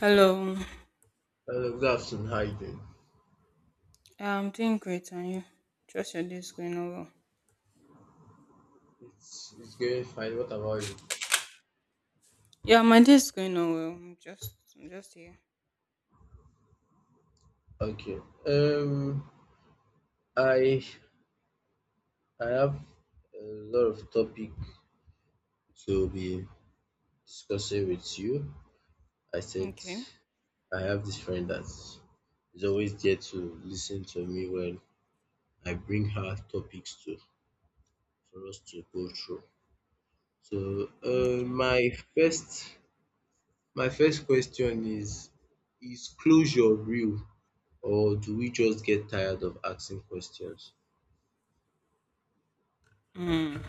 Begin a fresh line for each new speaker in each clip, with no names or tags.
Hello.
Hello, good afternoon. How you doing?
I'm doing great, and you? Just your day is going on well.
It's going fine. What about you?
Yeah, my day is going on well. I'm just here.
Okay. Um, I I have a lot of topic to be discussing with you. I said
Okay,
I have this friend that is always there to listen to me when I bring her topics to for us to go through. So, uh,
okay.
my first my first question is closure real, or do we just get tired of asking questions?
Mm.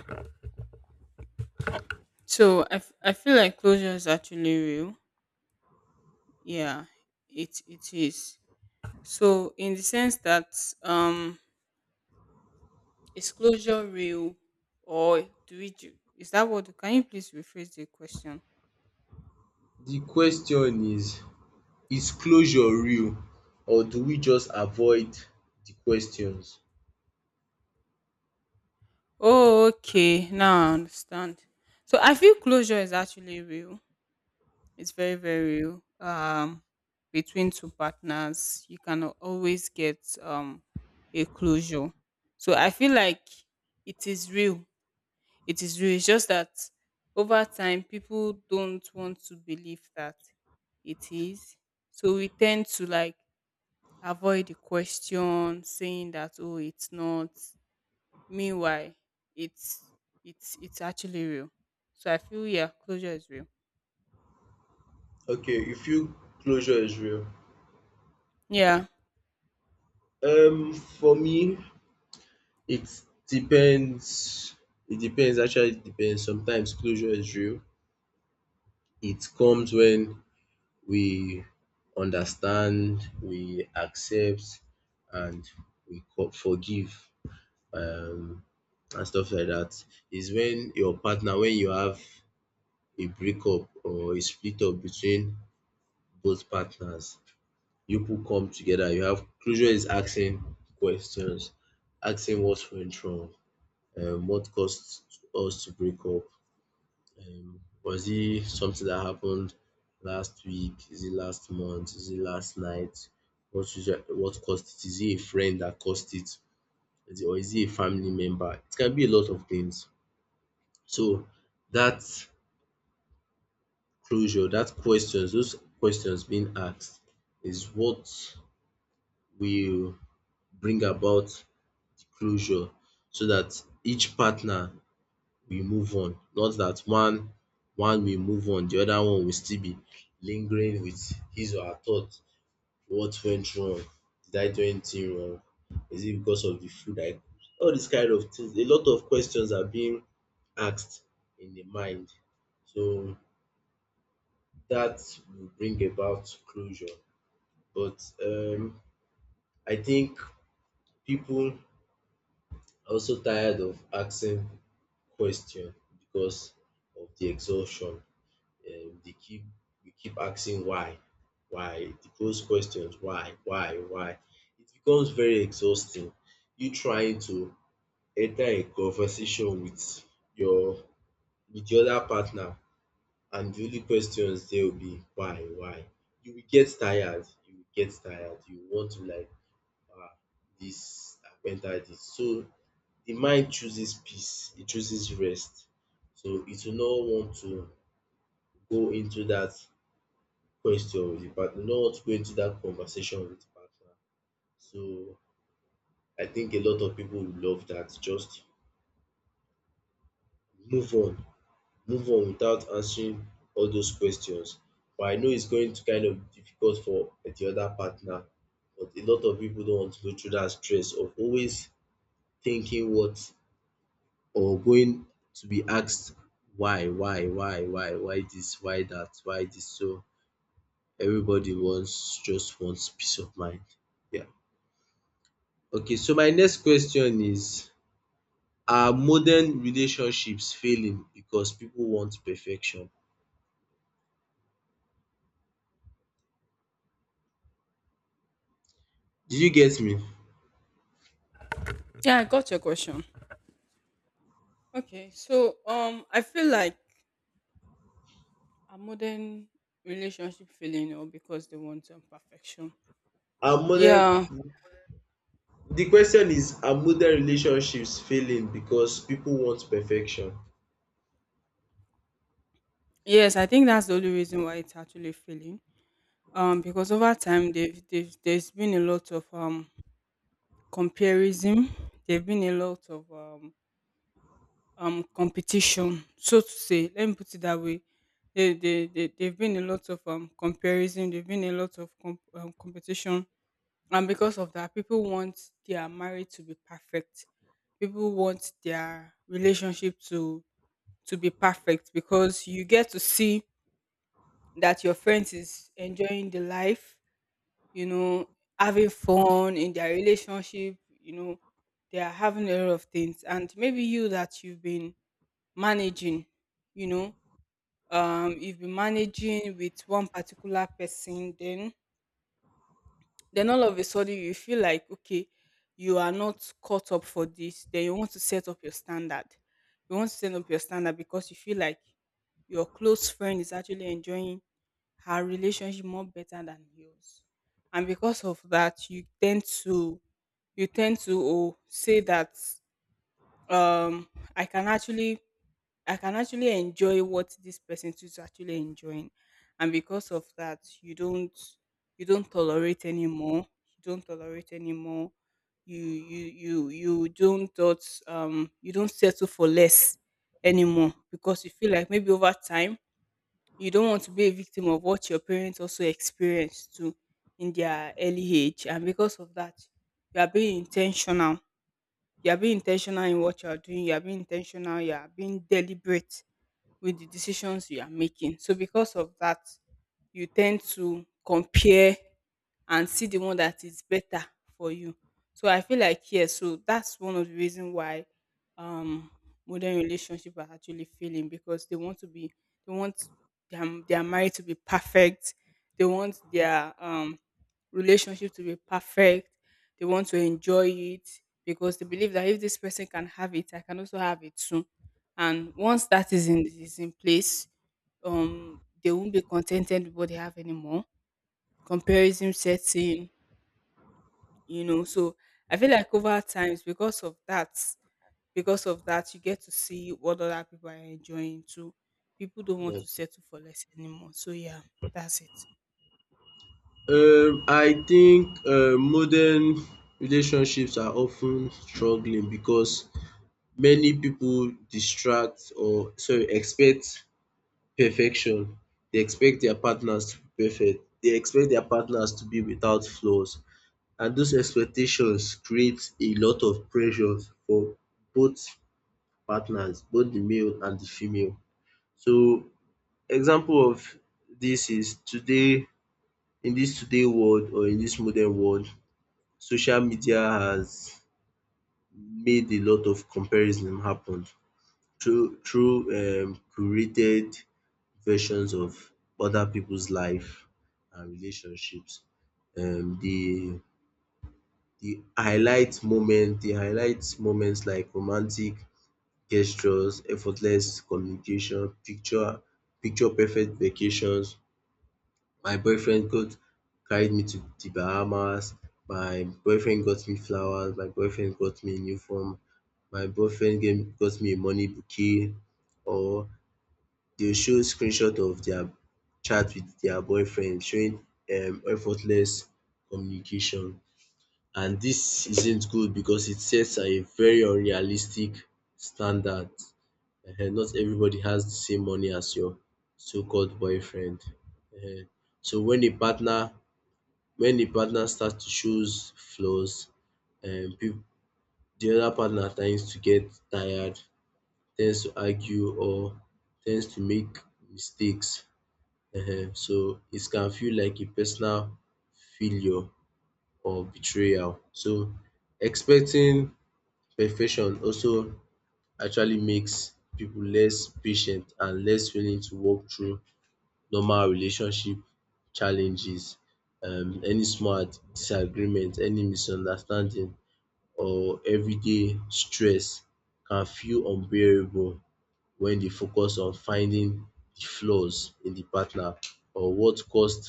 So I feel like closure is actually real. Yeah, it is. So in the sense that, um, is closure real, or do we do? Is that what? Can you please rephrase the question?
The question is closure real or do we just avoid the questions?
Oh, okay. Now I understand. So I feel closure is actually real. It's very, very real. Between two partners, you can always get a closure. So I feel like it is real. It is real. It's just that over time, people don't want to believe that it is. So we tend to like avoid the question, saying that oh, it's not. Meanwhile, it's it's actually real. So I feel yeah, closure is real.
Okay, you feel closure is real?
Yeah,
For me, it depends. It depends, actually, it depends. Sometimes closure is real. It comes when we understand, we accept, and we forgive um and stuff like that. Is when your partner, when you have a breakup or a split up between both partners, you people come together, you have closure is asking questions, asking what went wrong, what caused us to break up, was it something that happened last week, is it last month, is it last night, what usually, what caused it, is it a friend that caused it, is it, or is it a family member? It can be a lot of things. So that closure that questions those questions being asked is what will bring about the closure so that each partner will move on not that one one will move on the other one will still be lingering with his or her thought, what went wrong, did I do anything wrong, is it because of the food I cooked, all these kind of things, a lot of questions are being asked in the mind. So that will bring about closure. But I think people are also tired of asking questions because of the exhaustion. They keep we keep asking why the close questions, why, why. It becomes very exhausting. You trying to enter a conversation with your with the other partner, and the only questions there will be why, why. You will get tired. You will get tired. You want to like um dis mental health. So the mind chooses peace. It chooses rest. So it will not want to go into that question with the partner. Not want to go into that conversation with the partner. So I think a lot of people would love that. Just move on, move on without answering all those questions. But I know it's going to kind of difficult for the other partner, but a lot of people don't want to go through that stress of always thinking what or going to be asked why this, why that, why this. So everybody wants just wants peace of mind. Yeah. Okay, so my next question is: Are modern relationships failing because people want perfection? Did you get me?
yeah. I got your question. Okay, so I feel like a modern relationship feeling or because they want perfection.
Are modern
Yeah,
the question is are modern relationships failing because people want perfection?
yes, I think that's the only reason why it's actually failing. Because over time they've there's been a lot of comparison. There've been a lot of competition, so to say. Let me put it that way. They've been a lot of comparison. There've been a lot of competition, and because of that people want their marriage to be perfect, people want their relationship to be perfect, because you get to see that your friend is enjoying the life, you know, having fun in their relationship, you know, they are having a lot of things, and maybe you that you've been managing, you know, you've been managing with one particular person, then all of a sudden you feel like okay, you are not caught up for this. Then you want to set up your standard. You want to set up your standard because you feel like your close friend is actually enjoying her relationship more better than yours. And because of that, you tend to oh, say that um I can actually I can actually enjoy what this person is actually enjoying. And because of that, you don't tolerate anymore. You don't tolerate anymore. You don't thought you don't settle for less anymore, because you feel like maybe over time you don't want to be a victim of what your parents also experienced too in their early age. And because of that, you are being intentional. You are being intentional in what you are doing. You are being intentional. You are being deliberate with the decisions you are making. So because of that, you tend to compare and see the one that is better for you. So I feel like yeah, so that's one of the reason why um modern relationship are actually failing because they want their marriage to be perfect. They want their relationship to be perfect. They want to enjoy it because they believe that if this person can have it, I can also have it too. And once that is in place, they won't be contented with what they have anymore. Comparison sets in, you know. So I feel like over times, because of that, you get to see what other people are enjoying too. People don't want
Yeah.
to settle for less anymore. So yeah, that's it.
I think modern relationships are often struggling because many people distract or sorry expect perfection. They expect their partners to be perfect. They expect their partners to be without flaws and those expectations create a lot of pressures for both partners, both the male and the female. So example of this is today in this today world or in this modern world social media has made a lot of comparison happen through curated versions of other people's life and relationships. Um the the highlight moment the highlight moments like romantic gestures, effortless communication, picture perfect vacations. My boyfriend got carried me to the Bahamas, my boyfriend got me flowers, my boyfriend got me a new phone. My boyfriend gave got me a money bouquet or they will show screenshot of their chat with their boyfriend showing effortless communication and this isn't good because it sets a very unrealistic standard. Ehen, not everybody has the same money as your so-called boyfriend. Ehen, so when a partner starts to shows flaws, um peo- the other partner tends to get tired, tends to argue or tends to make mistakes. Ehen, so it can feel like a personal failure or betrayal. So expecting perfection also actually makes pipu less patient and less willing to work through normal relationship challenges. Any small disagreement, any misunderstanding or everyday stress can feel unbearable when dey focus on finding the flaws in the partner or what caused.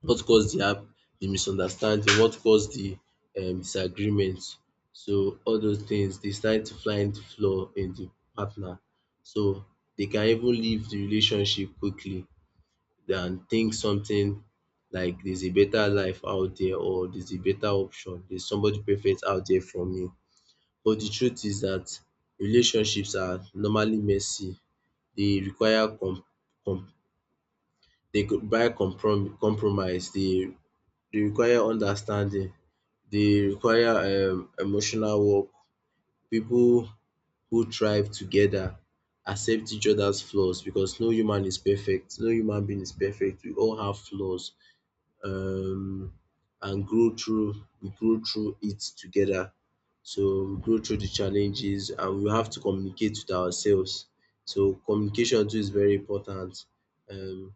What caused the app? The misunderstanding? What caused the disagreement? So all those things, they start to find flaw in the partner. So they can even leave the relationship quickly than think something like there's a better life out there or there's a better option, there's somebody perfect out there for me. But the truth is that relationships are normally messy. They require com com they require compromise. They require understanding. They require emotional work. People who thrive together accept each other's flaws because no human is perfect, no human being is perfect. We all have flaws um and grow through we grow through it together. So we grow through the challenges and we have to communicate with ourselves. So communication too is very important. Um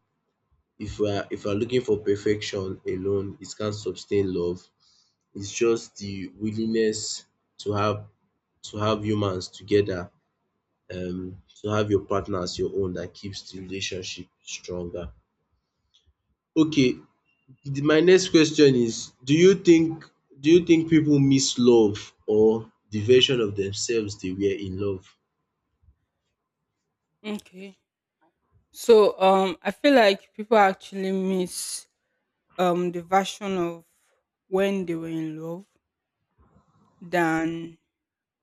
if we are looking for perfection alone, it can't sustain love. It's just the willingness to have to have humans together, to have your partner as your own that keeps the relationship stronger. Okay, my next question is, do you think people miss love or the version of themselves they were in love?
Okay. So I feel like people actually miss the version of when they were in love than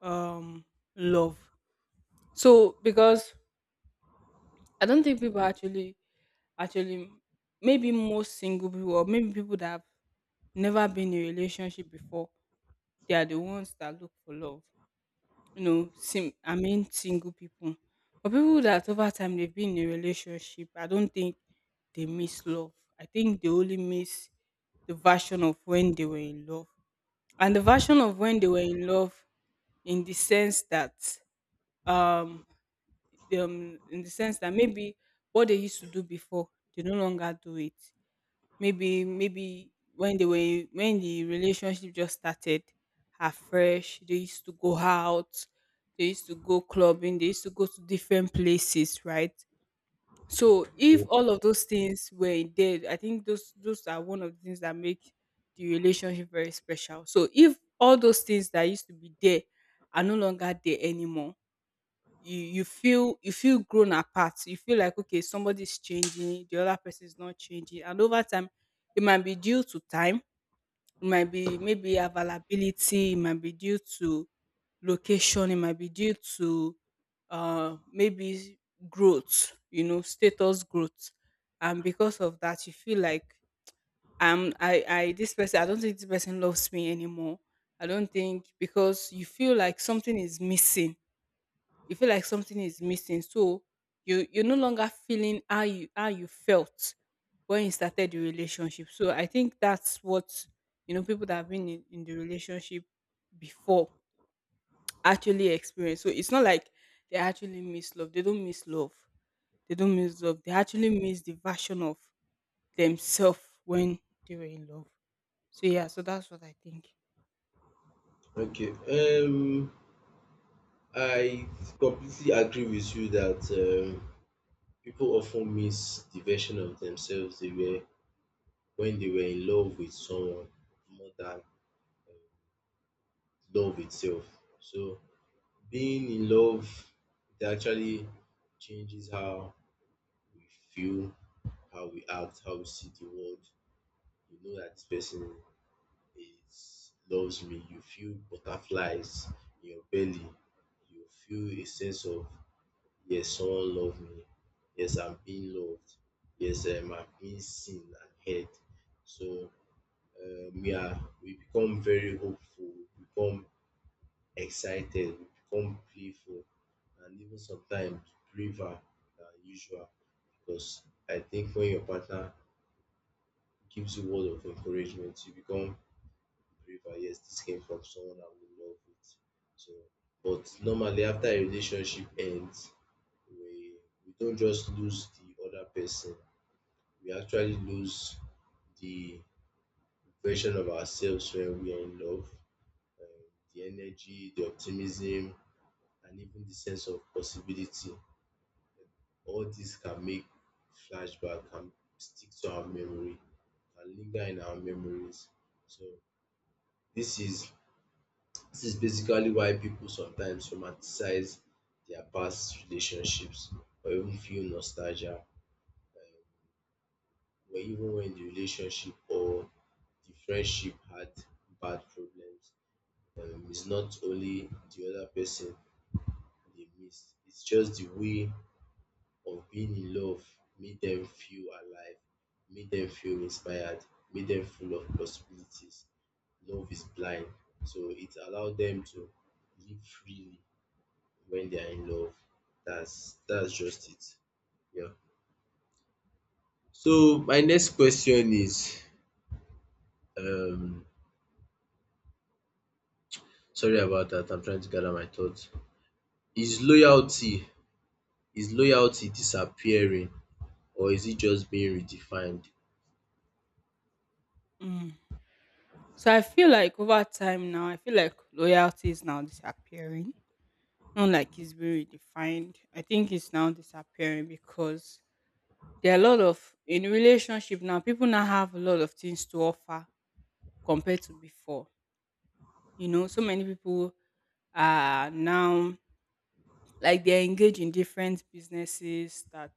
um love. So because I don't think people actually, maybe most single people or maybe people that have never been in a relationship before, they are the ones that look for love. You know, sim I mean single people. But people that over time they've been in a relationship, I don't think they miss love. I think they only miss the version of when they were in love. And the version of when they were in love in the sense that um, in the sense that maybe what they used to do before, they no longer do it. Maybe when they were when the relationship just started her fresh, they used to go out, they used to go clubbing, they used to go to different places, right? So if all of those things were there, I think those are one of the things that make the relationship very special. So if all those things that used to be there are no longer there anymore, you feel grown apart. You feel like okay, somebody's changing, the other person is not changing. And over time, it might be due to time, it might be maybe availability, it might be due to location, it might be due to maybe growth, you know, status growth. And because of that, you feel like I this person, I don't think this person loves me anymore. I don't think, because you feel like something is missing, you feel like something is missing. So you you're no longer feeling how you felt when you started the relationship. So I think that's what, you know, people that have been in the relationship before actually experience. So it's not like they actually miss love. They don't miss love. They don't miss love. They actually miss the version of themselves when they were in love. So yeah, so that's what I think.
Okay, I completely agree with you that people often miss the version of themselves they were when they were in love with someone more than love itself. So being in love it actually changes how we feel, how we act, how we see the world. You know that this person is loves me. You feel butterflies in your belly. You feel a sense of yes, someone loves me. Yes, I'm being loved. Yes, I'm being seen and heard. So we become very hopeful, we become excited, we become playful, and even sometimes braver than usual because I think when your partner gives you word of encouragement, you become braver. Yes, this came from someone I would love it. So, but normally after a relationship ends, we we don't just lose the other person. We actually lose the version of ourselves when we are in love, um, the energy, the optimism, and even the sense of possibility. All this can make flashback can stick to our memory, can linger in our memories. So this is this is basically why people sometimes romanticize their past relationships or even feel nostalgia or even when the relationship or the friendship had bad problems. It's not only the other person they miss, it's just the way of being loved made them feel alive, made them feel inspired, made them full of possibilities. Love is blind, so it allowed them to live freely when they are in love. That's just it. Yeah. So my next question is um sorry about that, I'm trying to gather my thoughts. Is loyalty is loyalty disappearing or is it just being redefined?
Mm. So I feel like over time now, I feel like loyalty is now disappearing, not like it's been redefined. I think it's now disappearing because there are a lot of in relationship now. People now have a lot of things to offer compared to before. You know, so many people are now like they're engaged in different businesses that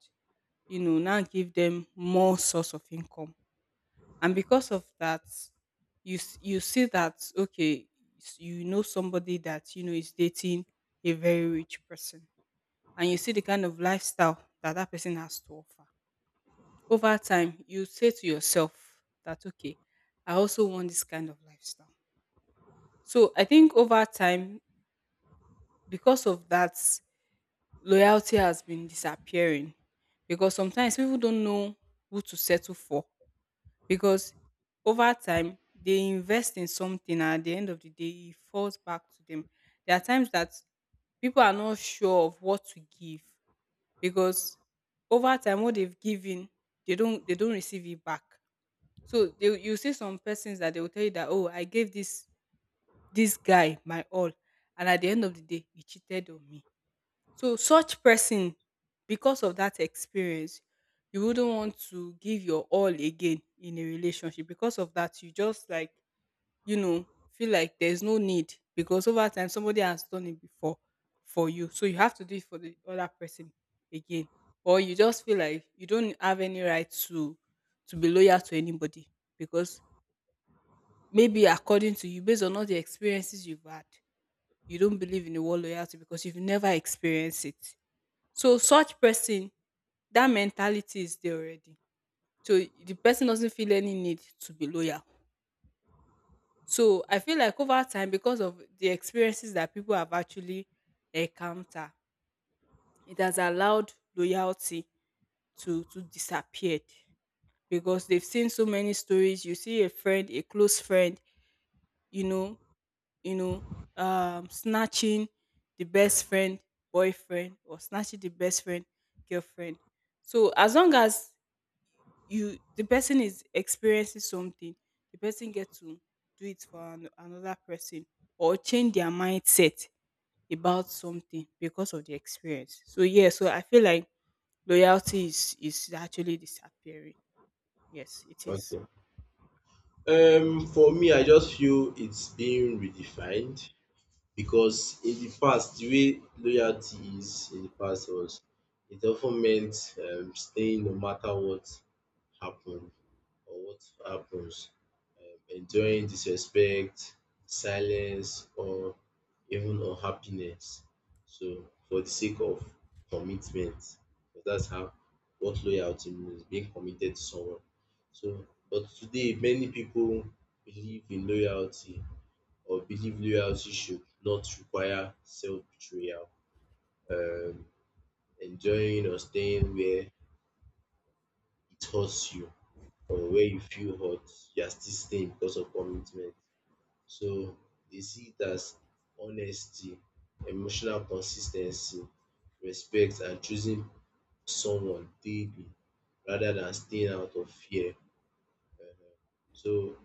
you know now give them more source of income, and because of that, you see that okay, you know somebody that you know is dating a very rich person and you see the kind of lifestyle that that person has to offer. Over time, you say to yourself that, okay, I also want this kind of lifestyle. So I think over time, because of that, loyalty has been disappearing because sometimes people don't know who to settle for, because over time they invest in something and at the end of the day it falls back to them. There are times that people are not sure of what to give because over time what they've given, they don't receive it back. So they, you see some persons that they will tell you that oh I gave this guy my all and at the end of the day he cheated on me. So such person, because of that experience, you wouldn't want to give your all again in a relationship. Because of that you just like, you know, feel like there's no need because over time somebody has done it before for you. So you have to do it for the other person again. Or you just feel like you don't have any right to be loyal to anybody because maybe according to you, based on all the experiences you've had, you don't believe in the word loyalty because you've never experienced it. So such person, that mentality is there already. So the person doesn't feel any need to be loyal. So I feel like over time, because of the experiences that people have actually encountered, it has allowed loyalty to disappear because they've seen so many stories. You see a friend, a close friend, you know, you know, snatching the best friend boyfriend or snatching the best friend girlfriend. So as long as you the person is experiencing something, the person gets to do it for another person or change their mindset about something because of the experience. So yeah, so I feel like loyalty is actually disappearing, yes it is.
Okay. For me, I just feel it's being redefined because in the past the way loyalty is in the past was it often meant staying no matter what happened or what happens, enduring disrespect, silence, or even unhappiness. So for the sake of commitment, but that's how what loyalty means, being committed to someone. So, but today many people believe in loyalty or believe loyalty should not require self-betrayal, um, enjoying or staying where it hurts you or where you feel hurt, you are still staying because of commitment. So they see it as honesty, emotional consistency, respect, and choosing someone daily rather than staying out of fear. So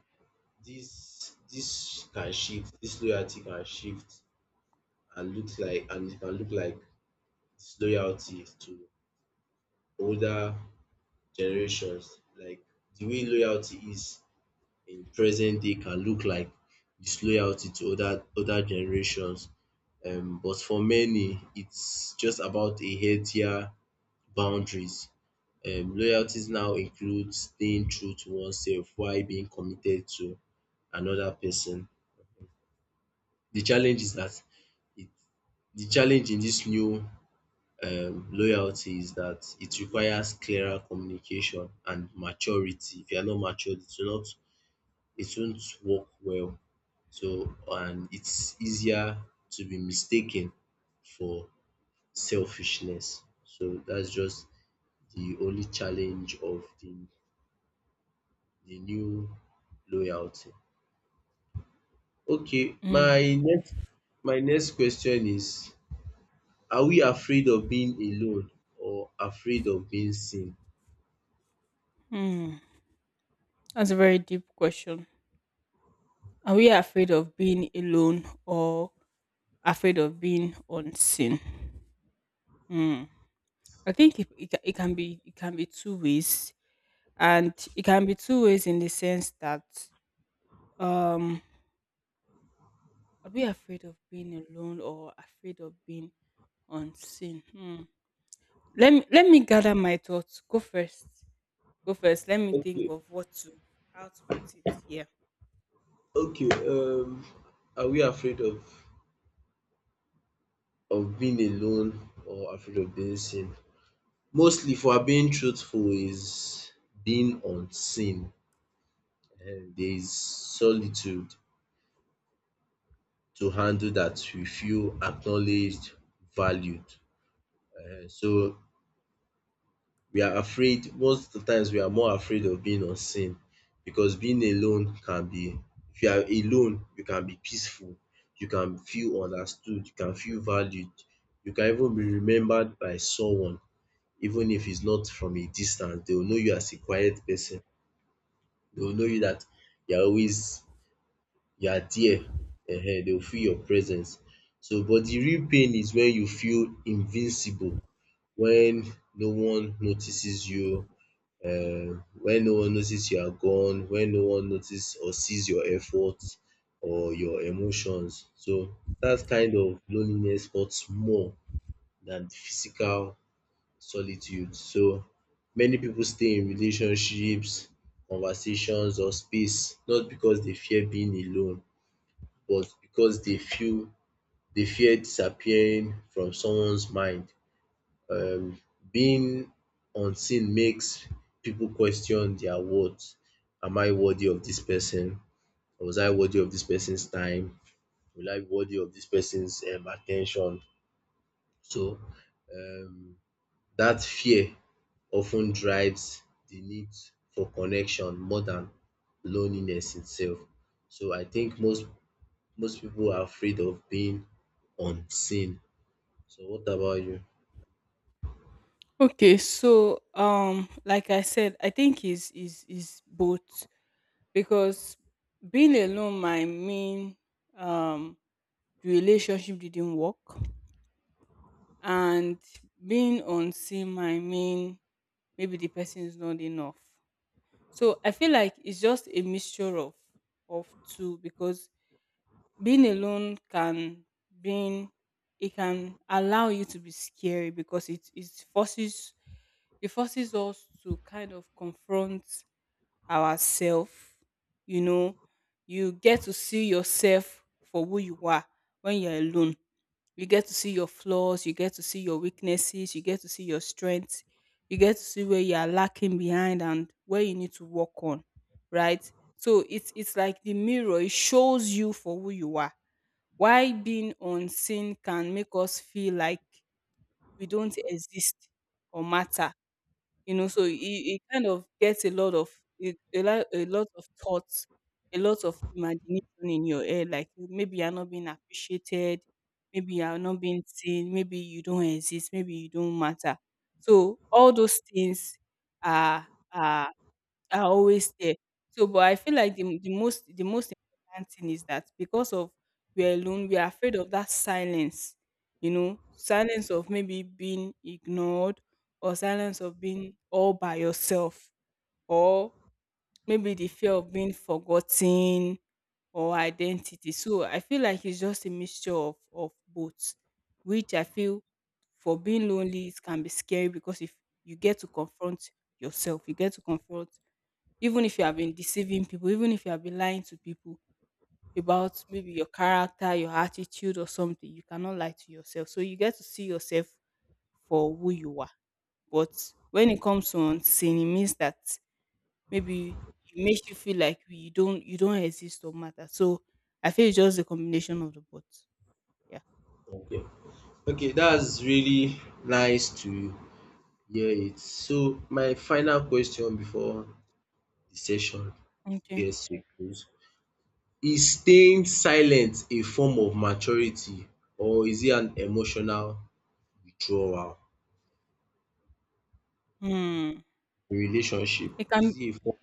this can shift, this loyalty can shift and look like and it can look like this loyalty to older generations, like the way loyalty is in present day can look like disloyalty to other generations. But for many, it's just about a healthier boundaries. Loyalties now include staying true to oneself while being committed to another person. The challenge is that it, the challenge in this new loyalty is that it requires clearer communication and maturity. If you are not matured, it will not it won't work well. So and it's easier to be mistaken for selfishness. So that's just the only challenge of the new loyalty. Okay,
Mm,
my next question is are we afraid of being alone or afraid of being seen?
mm. That's a very deep question. Are we afraid of being alone or afraid of being unseen? I think it can be, two ways, and it can be two ways in the sense that um, are we afraid of being alone or afraid of being unseen? Hmm. Let me gather my thoughts. Go first. Go first. Let me think of what to how to put it here.
Okay, are we afraid of being alone or afraid of being seen? Mostly, if we're being truthful, is being unseen. And there is solitude to handle that we feel acknowledged, valued. So we are afraid most of the times we are more afraid of being unseen because being alone can be if you are alone you can be peaceful, you can feel understood, you can feel valued, you can even be remembered by someone even if it's not from a distance. They will know you as a quiet person, they will know you that you are always you are there they will feel your presence. So but the real pain is when you feel invincible, when no one notices you, when no one notice you are gone, when no one notice or sees your effort or your emotions. So dat kind of loneliness hurts more than physical solitude. So many pipu stay in relationships, conversations or space not because dey fear being alone but because dey feel dey fear disappearing from someone's mind. um Being unseen makes people question their worth. Am I worthy of this person? Was I worthy of this person's time? Will I be worthy of this person's attention? So um that fear often drives the need for connection more than loneliness itself. So I think most people are afraid of being unseen. So what about you?
Okay, so like I said, I think is both, because being alone might mean um the relationship didn't work, and being unseen might mean maybe the person is not enough. So I feel like it's just a mixture of two, because being alone can being it can allow you to be scary because it forces us to kind of confront ourself. You know, you get to see yourself for who you are when you're alone. You get to see your flaws, you get to see your weaknesses, you get to see your strengths, you get to see where you are lacking behind and where you need to work on, right? So it's like the mirror, it shows you for who you are. Why being unseen can make us feel like we don't exist or matter, you know, so he kind of gets a lot of a lot of thoughts, a lot of imagination in your head, like maybe you're not being appreciated, maybe you're not being seen, maybe you don't exist, maybe you don't matter. So all those things are are are always there. So, but I feel like the most important thing is that because of we're alone, we are afraid of that silence. You know, silence of maybe being ignored, or silence of being all by yourself, or maybe the fear of being forgotten or identity. So I feel like it's just a mixture of both, which I feel for being lonely it can be scary because if you get to confront yourself, you get to confront even if you have been deceiving people, even if you have been lying to people about maybe your character, your attitude, or something, you cannot lie to yourself. So you get to see yourself for who you are. But when it comes to unseen, it means that maybe it makes you feel like you don't exist or matter. So I feel it's just a combination of the both. Yeah.
Okay, okay, that's really nice to. Yeah, it's so my final question before the session
Okay.
gets to a close. Is staying silent a form of maturity or is it an emotional withdrawal
Hmm.
in relationship?
It can
Is it a form?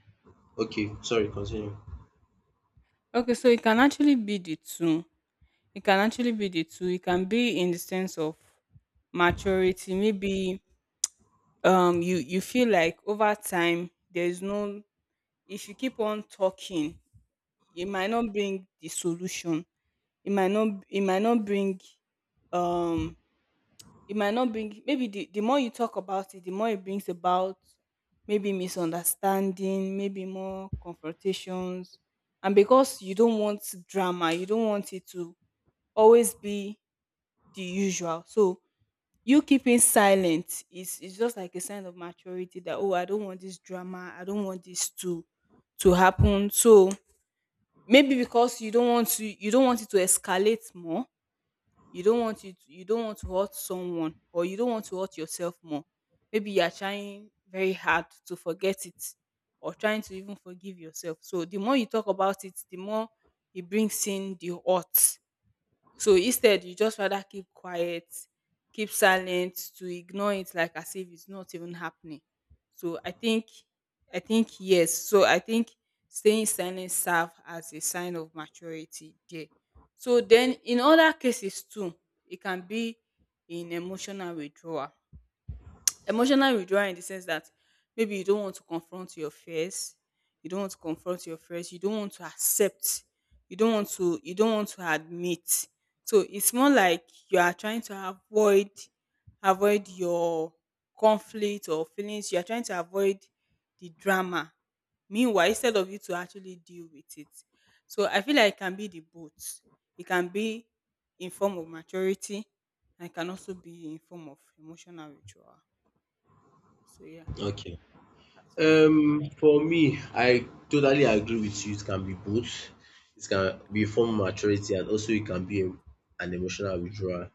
Okay, sorry, continue.
Okay, so it can actually be the two. It can actually be the two. It can be in the sense of maturity, maybe you feel like over time there is no, if you keep on talking it might not bring the solution, it might not bring, um it might not bring, maybe the more you talk about it, the more it brings about maybe misunderstanding, maybe more confrontations, and because you don't want drama, you don't want it to always be the usual. So you keeping silent is just like a sign of maturity that, oh, I don't want this drama, I don't want this to happen. So maybe because you don't want it to escalate more, you don't want to hurt someone, or you don't want to hurt yourself more. Maybe you are trying very hard to forget it, or trying to even forgive yourself. So the more you talk about it, the more it brings in the hurt, so instead you just rather keep quiet, keep silent to ignore it like as if it's not even happening. So I think staying silent serve as a sign of maturity there. So then in other cases too, it can be in emotional withdrawal. Emotional withdrawal in the sense that maybe you don't want to confront your fears, you don't want to confront your fears, you don't want to accept, you don't want to admit. So it's more like you are trying to avoid, avoid your conflict or feelings. You are trying to avoid the drama. Meanwhile, instead of you to actually deal with it. So I feel like it can be the both. It can be in form of maturity, and it can also be in form of emotional withdrawal. So yeah,
Okay.
that's what I feel.
For me, I totally agree with you. It can be both. It can be a form of maturity and also it can be a, an emotional withdrawal.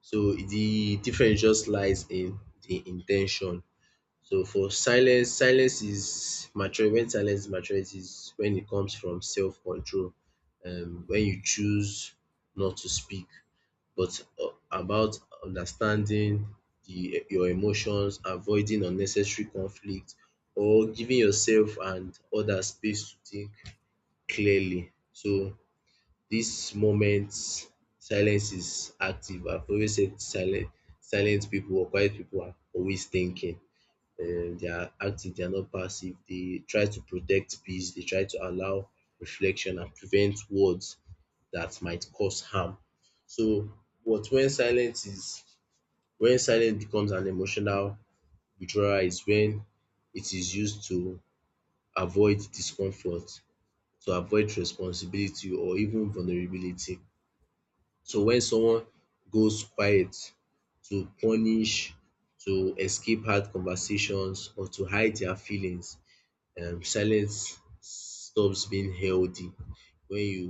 So the difference just lies in the intention. So for silence, silence is mature when silence is maturity is when it comes from self control, when you choose not to speak but about understanding the your emotions, avoiding unnecessary conflict or giving yourself and others space to think clearly. So this moment silence is active. I've always said silent people or quiet people are always thinking they are active, they are not passive. They try to protect peace, they try to allow reflection and prevent words that might cause harm. So but when silence is when silence becomes an emotional withdrawal is when it is used to avoid discomfort, to avoid responsibility or even vulnerability. So when someone goes quiet to punish, to escape hard conversations or to hide their feelings, silence stops being healthy when you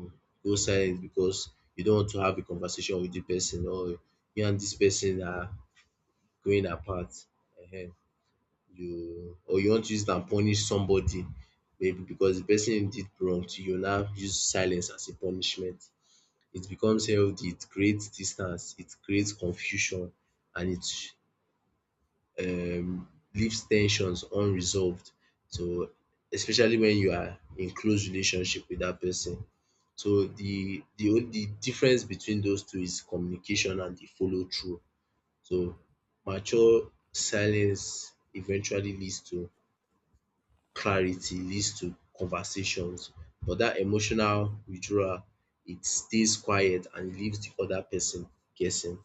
go silent because you don't want to have a conversation with the person or you and this person are growing apart um you or you want to use it and punish somebody maybe because the person did wrong to you now use silence as a punishment. It becomes healthy, it creates distance, it creates confusion and it um leaves tensions unresolved. So especially when you are in close relationship with that person. So the the difference between those two is communication and the follow through. So mature silence eventually leads to clarity, leads to conversations. But that emotional withdrawal, it stays quiet and leaves the other person guessing.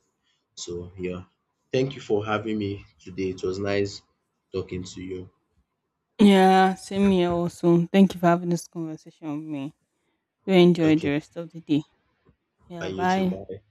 So yeah, thank you for having me today. It was nice talking to you.
Yeah, same here also. Thank you for having this conversation with me. Do enjoy
Okay,
the rest of the day.
bye
Yeah,
you too.
bye.
Bye.